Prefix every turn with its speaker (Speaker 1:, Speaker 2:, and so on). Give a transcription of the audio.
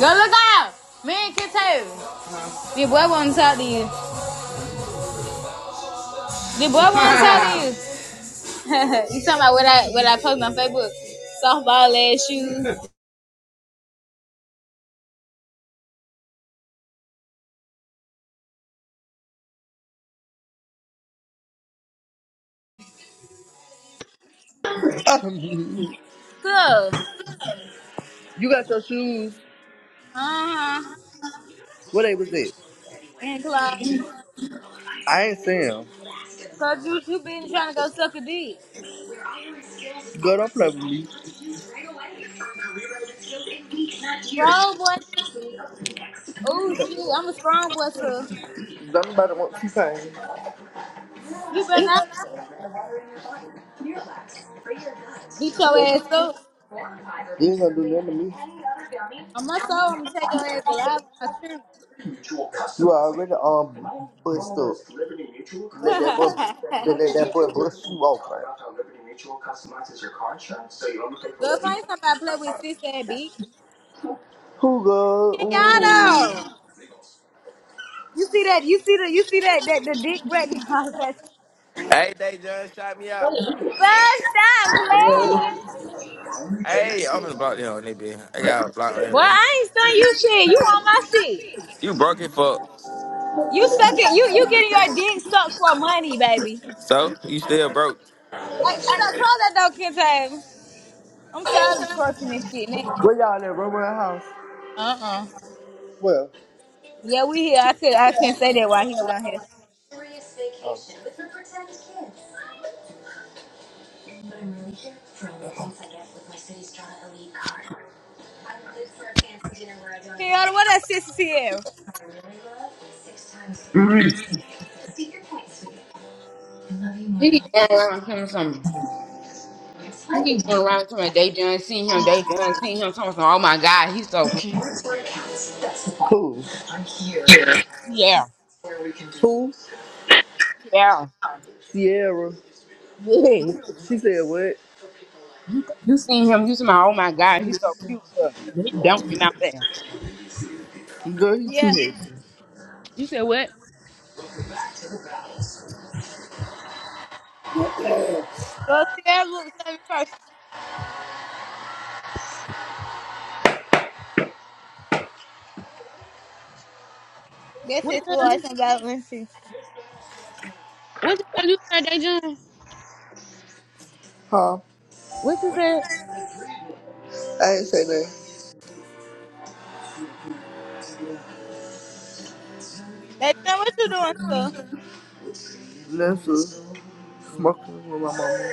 Speaker 1: Go look out. Me and Kid Taylor. The boy won't talk to you. The boy won't talk to you. you talking about what I what I post on Facebook? Softball ass shoes.
Speaker 2: you
Speaker 1: So,
Speaker 2: got your shoes.
Speaker 1: uh huh.
Speaker 2: What they was at?
Speaker 1: And Clyde.
Speaker 2: I ain't saying.
Speaker 1: Cause you you been trying to go suck a dick.
Speaker 2: Girl, don't play with me.
Speaker 1: Strong boy shit. Oh shit, I'm a strong boy, so
Speaker 2: Don't nobody want you paying.
Speaker 1: you better
Speaker 2: You
Speaker 1: not beat your ass up.
Speaker 2: ain't gonna do nothing to me.
Speaker 1: On my soul, I'm gonna take your ass alive on my
Speaker 2: You already um bust up. Let that
Speaker 1: children.
Speaker 2: boy, let that boy bust you open.
Speaker 1: go find somebody to play with sister and bitch.
Speaker 2: Who go?
Speaker 1: Get y'all
Speaker 2: Ooh.
Speaker 1: though. You see that? You see the? You see that? That the dick right now. First
Speaker 3: Hey, they just shot me out.
Speaker 1: stop man!
Speaker 3: Hey, I'm finna block them on that bitch. I got a block on
Speaker 1: Boy,
Speaker 3: everything.
Speaker 1: I ain't stunning you shit. You on my shit.
Speaker 3: You broke it, fuck.
Speaker 1: You sucking. You you getting your dick sucked for money, baby.
Speaker 3: So you still broke.
Speaker 1: Hey, so close that door, Kente. I'm tired of twerking this shit, man.
Speaker 2: Where y'all at? Run around house.
Speaker 1: Uh uh
Speaker 2: Well,
Speaker 1: Yeah, we here. I could I couldn't say that while he was down here. Kenyatta, what that sister Sierra?
Speaker 4: Mhm. He keep going around telling some. He keep going around to my day John, seeing him, day John, seeing him, talking some. Oh my God, he's so cute.
Speaker 2: who?
Speaker 4: Yeah,
Speaker 2: Who?
Speaker 4: yeah,
Speaker 2: Sierra.
Speaker 4: yeah.
Speaker 2: She said what?
Speaker 4: You you seen him? You see my? Oh my God, he's so cute. Look, they dumped him out there.
Speaker 2: Girl, you too
Speaker 1: Yeah.
Speaker 2: here.
Speaker 4: You said what?
Speaker 1: Well, Sierra looks seven first. That
Speaker 4: What
Speaker 1: sister
Speaker 4: the hell?
Speaker 1: was
Speaker 4: you-
Speaker 1: about Lindsay.
Speaker 4: What the hell you said, day John?
Speaker 2: Huh?
Speaker 4: What you said?
Speaker 2: I ain't say nothing.
Speaker 1: That's not what you doing, sir.
Speaker 2: That's a smoking with my mama.